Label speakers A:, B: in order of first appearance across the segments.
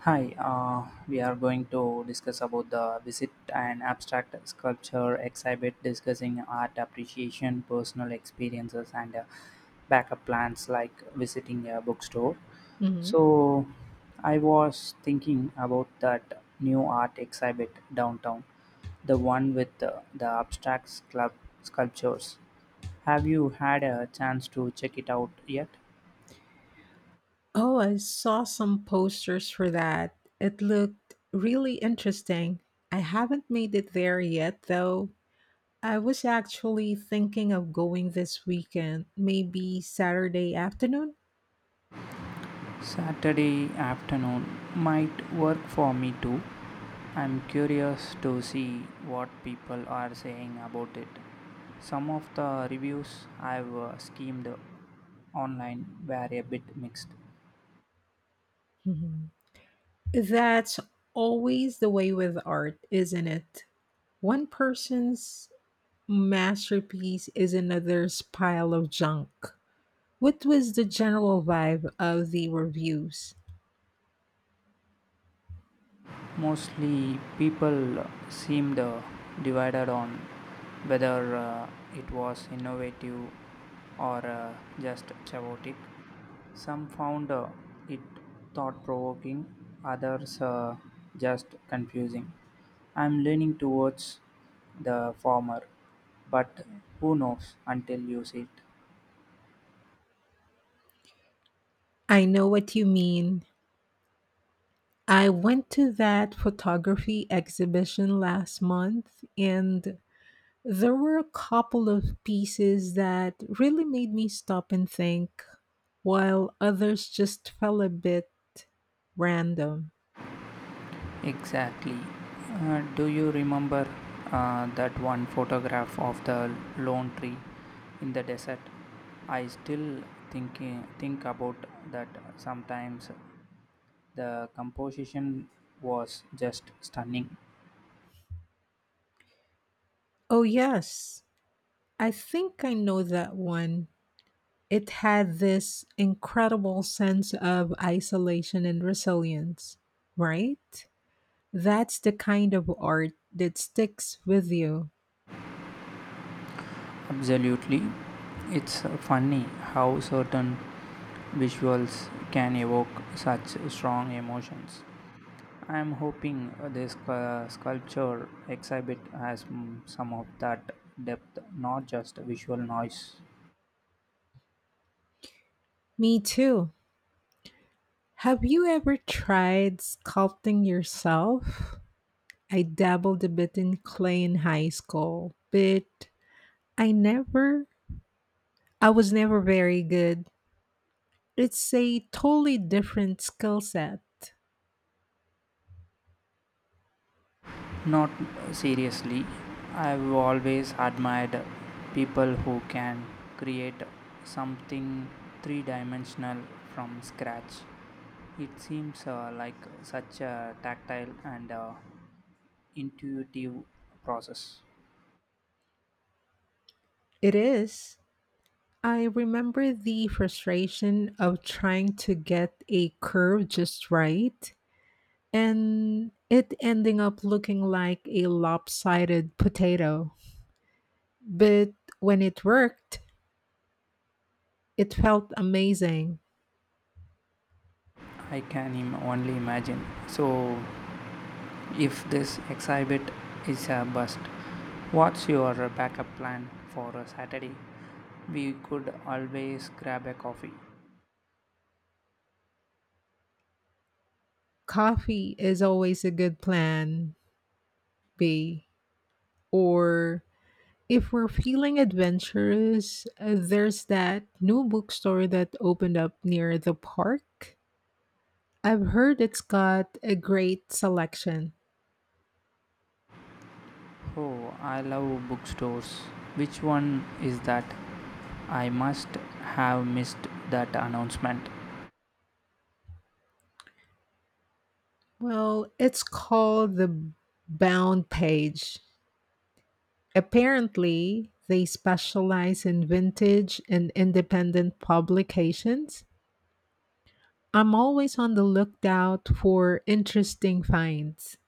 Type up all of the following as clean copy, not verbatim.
A: Hi, we are going to discuss about the visit and abstract sculpture exhibit, discussing art appreciation, personal experiences, and backup plans like visiting a bookstore.
B: Mhm.
A: So, I was thinking about that new art exhibit downtown, the one with the abstract club sculptures. Have you had a chance to check it out yet?
B: Oh, I saw some posters for that. It looked really interesting. I haven't made it there yet, though. I was actually thinking of going this weekend, maybe Saturday afternoon.
A: Saturday afternoon might work for me too. I'm curious to see what people are saying about it. Some of the reviews I've skimmed online were a bit mixed.
B: Mhm. That's always the way with art, isn't it? One person's masterpiece is another pile of junk. What was the general vibe of the reviews?
A: Mostly, people seemed divided on whether it was innovative or just chaotic. Some found it thought provoking, others just confusing. I'm leaning towards the former, but who knows until you see it.
B: I know what you mean. I went to that photography exhibition last month, and there were a couple of pieces that really made me stop and think, while others just fell a bit random.
A: Exactly. Do you remember that one photograph of the lone tree in the desert? I still think about that sometimes. The composition was just stunning.
B: Oh, yes, I think I know that one. It had this incredible sense of isolation and resilience, right? That's the kind of art that sticks with you.
A: Absolutely. It's funny how certain visuals can evoke such strong emotions. I am hoping this sculpture exhibit has some of that depth, not just visual noise.
B: Me too. Have you ever tried sculpting yourself? I dabbled a bit in clay in high school, but I never, I was never very good. It's a totally different skill set.
A: Not seriously, I've always admired people who can create something three dimensional from scratch. It seems like such a tactile and intuitive process.
B: It is. I remember the frustration of trying to get a curve just right and it ending up looking like a lopsided potato. But when it worked, it felt amazing.
A: I can only imagine. So if this exhibit is a bust, what's your backup plan for a Saturday? We could always grab a coffee.
B: Coffee is always a good plan B. Or if we're feeling adventurous, there's that new bookstore that opened up near the park. I've heard it's got a great selection.
A: Oh, I love bookstores. Which one is that? I must have missed that announcement.
B: Well, it's called the Bound Page. Apparently, they specialize in vintage and independent publications. I'm always on the lookout for interesting finds.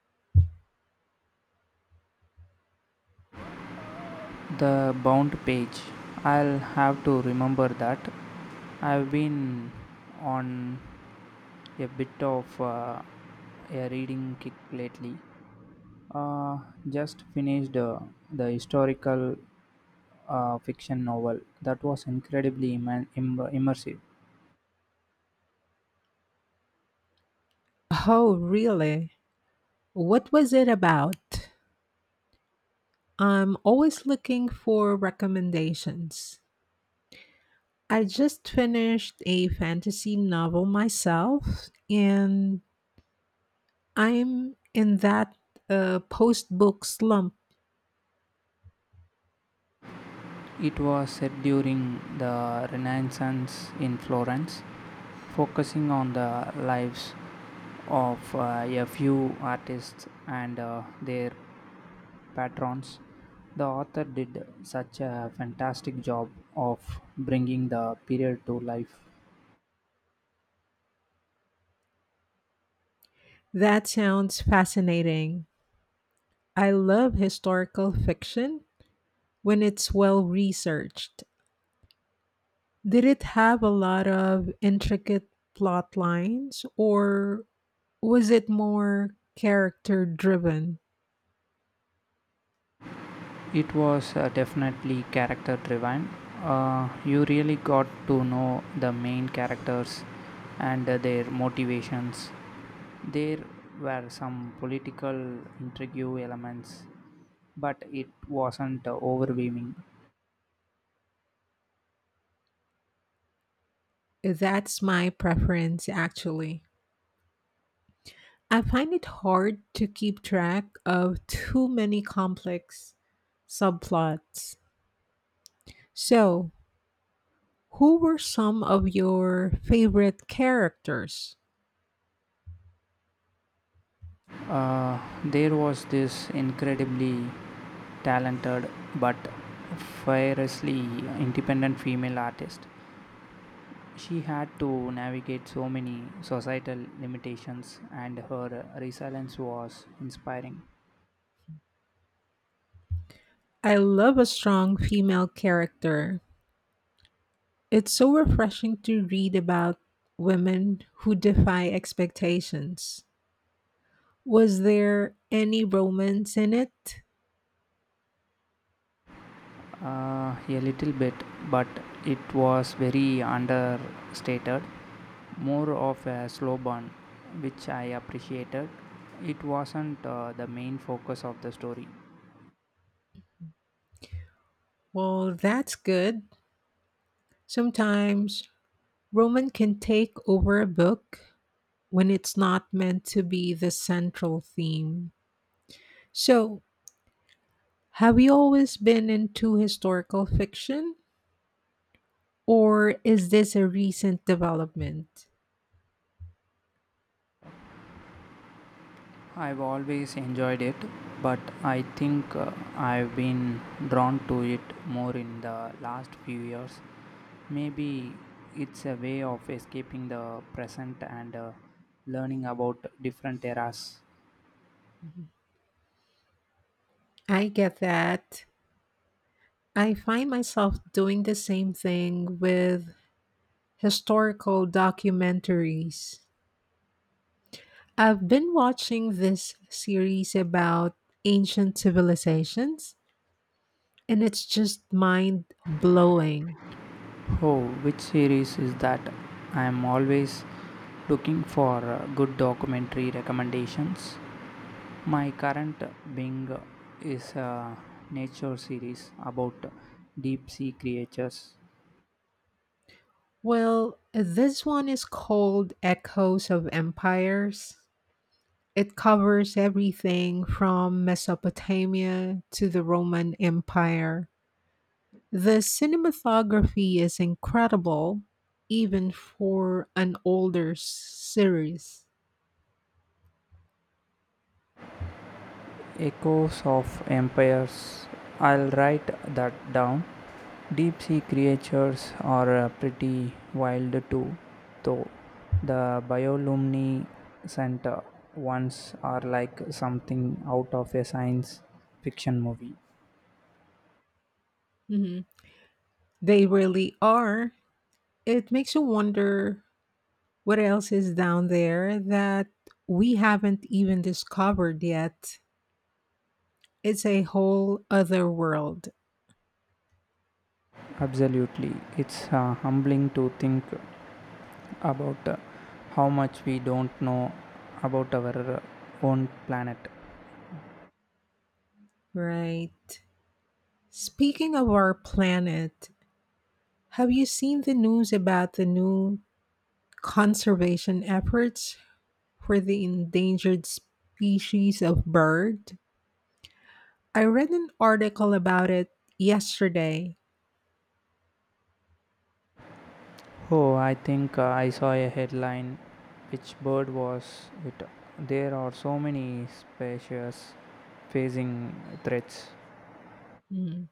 A: The Bound Page, I'll have to remember that. I've been on a bit of a reading kick lately. Uh, just finished the historical fiction novel that was incredibly immersive.
B: Oh, really? What was it about? I'm always looking for recommendations. I just finished a fantasy novel myself, and I'm in that post book slump.
A: It was set during the Renaissance in Florence, focusing on the lives of a few artists and their patrons. The author did such a fantastic job of bringing the period to life.
B: That sounds fascinating. I love historical fiction when it's well researched. Did it have a lot of intricate plot lines, or was it more character driven?
A: It was definitely character driven. You really got to know the main characters and their motivations. There were some political intrigue elements, but it wasn't overwhelming.
B: That's my preference, actually. I find it hard to keep track of too many complex subplots. So, who were some of your favorite characters?
A: There was this incredibly talented but fiercely independent female artist. She had to navigate so many societal limitations, and her resilience was inspiring.
B: I love a strong female character. It's so refreshing to read about women who defy expectations. Was there any romance in it?
A: A little bit, but it was very understated, more of a slow burn, which I appreciated. It wasn't the main focus of the story.
B: Well, that's good. Sometimes romance can take over a book when it's not meant to be the central theme. So, have you always been into historical fiction, or is this a recent development?
A: I've always enjoyed it, but I think I've been drawn to it more in the last few years. Maybe it's a way of escaping the present and learning about different eras.
B: I get that. I find myself doing the same thing with historical documentaries. I've been watching this series about ancient civilizations, and it's just mind blowing.
A: Oh, which series is that? I am always looking for good documentary recommendations. My current Bing is a nature series about deep sea creatures.
B: Well, this one is called Echoes of Empires. It covers everything from Mesopotamia to the Roman Empire. The cinematography is incredible, even for an older series.
A: Echoes of Empires. I'll write that down. Deep sea creatures are pretty wild too, though. The Biolumni Center ones are like something out of a science fiction movie.
B: Hmm. They really are. It makes you wonder what else is down there that we haven't even discovered yet. It's a whole other world,
A: Absolutely. It's humbling to think about how much we don't know about our own planet.
B: right? Speaking of our planet, have you seen the news about the new conservation efforts for the endangered species of bird? I read an article about it yesterday.
A: Oh, I think I saw a headline. Which bird was it? There are so many species facing threats.
B: Mm.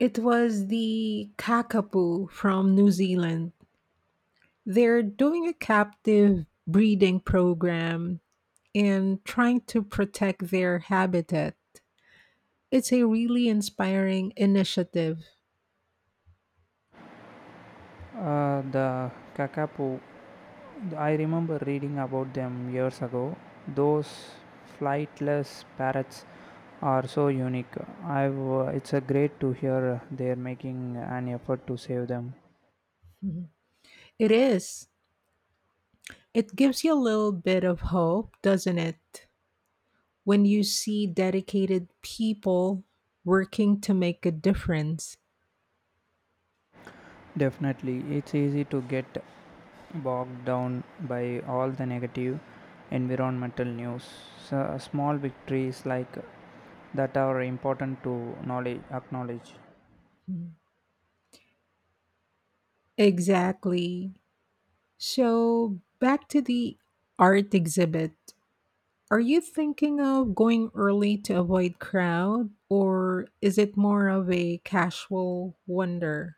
B: It was the kakapo from New Zealand. They're doing a captive breeding program and trying to protect their habitat. It's a really inspiring initiative.
A: The kakapo, I remember reading about them years ago. Those flightless parrots are so unique. I've, it's a great to hear they're making an effort to save them.
B: Mhm. It is. It gives you a little bit of hope, doesn't it? When you see dedicated people working to make a difference.
A: Definitely, it's easy to get bogged down by all the negative environmental news. So, small victories like that are important to acknowledge.
B: Exactly. So, back to the art exhibit. Are you thinking of going early to avoid crowd, or is it more of a casual wonder?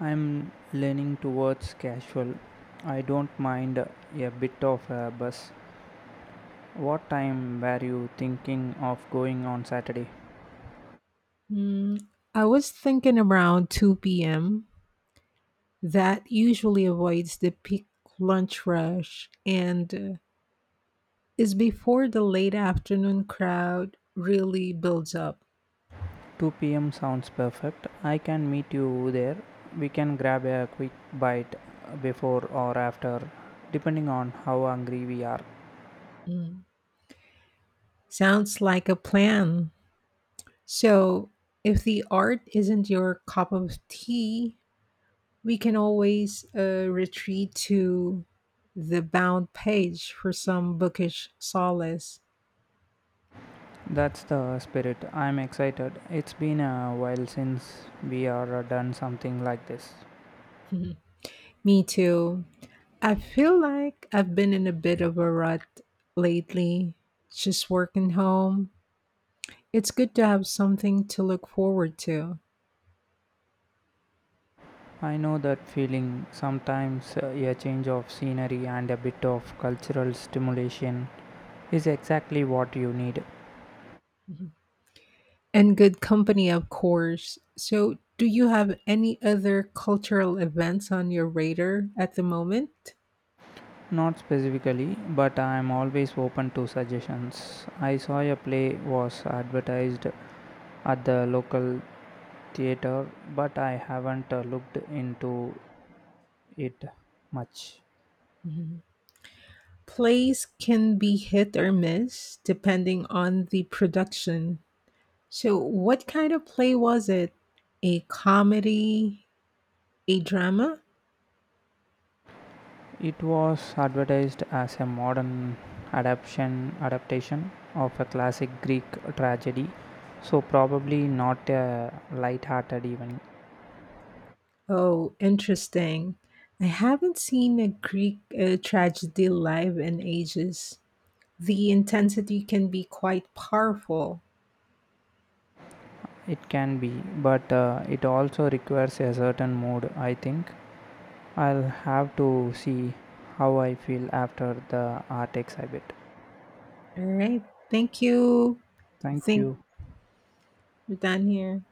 A: I'm leaning towards casual. I don't mind a bit of a bus. What time were you thinking of going on Saturday?
B: Mm, I was thinking around 2 p.m. That usually avoids the peak lunch rush, and is before the late afternoon crowd really builds up.
A: 2 p.m. sounds perfect. I can meet you there. We can grab a quick bite before or after, depending on how hungry we are.
B: Mm. Sounds like a plan. So, if the art isn't your cup of tea, we can always retreat to the Bound Page for some bookish solace.
A: That's the spirit. I'm excited. It's been a while since we are done something like this.
B: Me too. I feel like I've been in a bit of a rut lately, just working home. It's good to have something to look forward to.
A: I know that feeling. Sometimes a change of scenery and a bit of cultural stimulation is exactly what you need.
B: Mhm. And good company, of course. So, do you have any other cultural events on your radar at the moment?
A: Not specifically, but I am always open to suggestions. I saw a play was advertised at the local theater, but I haven't looked into it much.
B: Mhm. Plays can be hit or miss depending on the production. So, what kind of play was it? A comedy? A drama?
A: It was advertised as a modern adaptation of a classic Greek tragedy, so probably not a light-hearted even.
B: Oh, interesting. I haven't seen a Greek tragedy live in ages. The intensity can be quite powerful.
A: It can be, but it also requires a certain mood, I think. I'll have to see how I feel after the art exhibit.
B: All right. Thank you. I
A: Thank
B: think
A: you.
B: we're done here.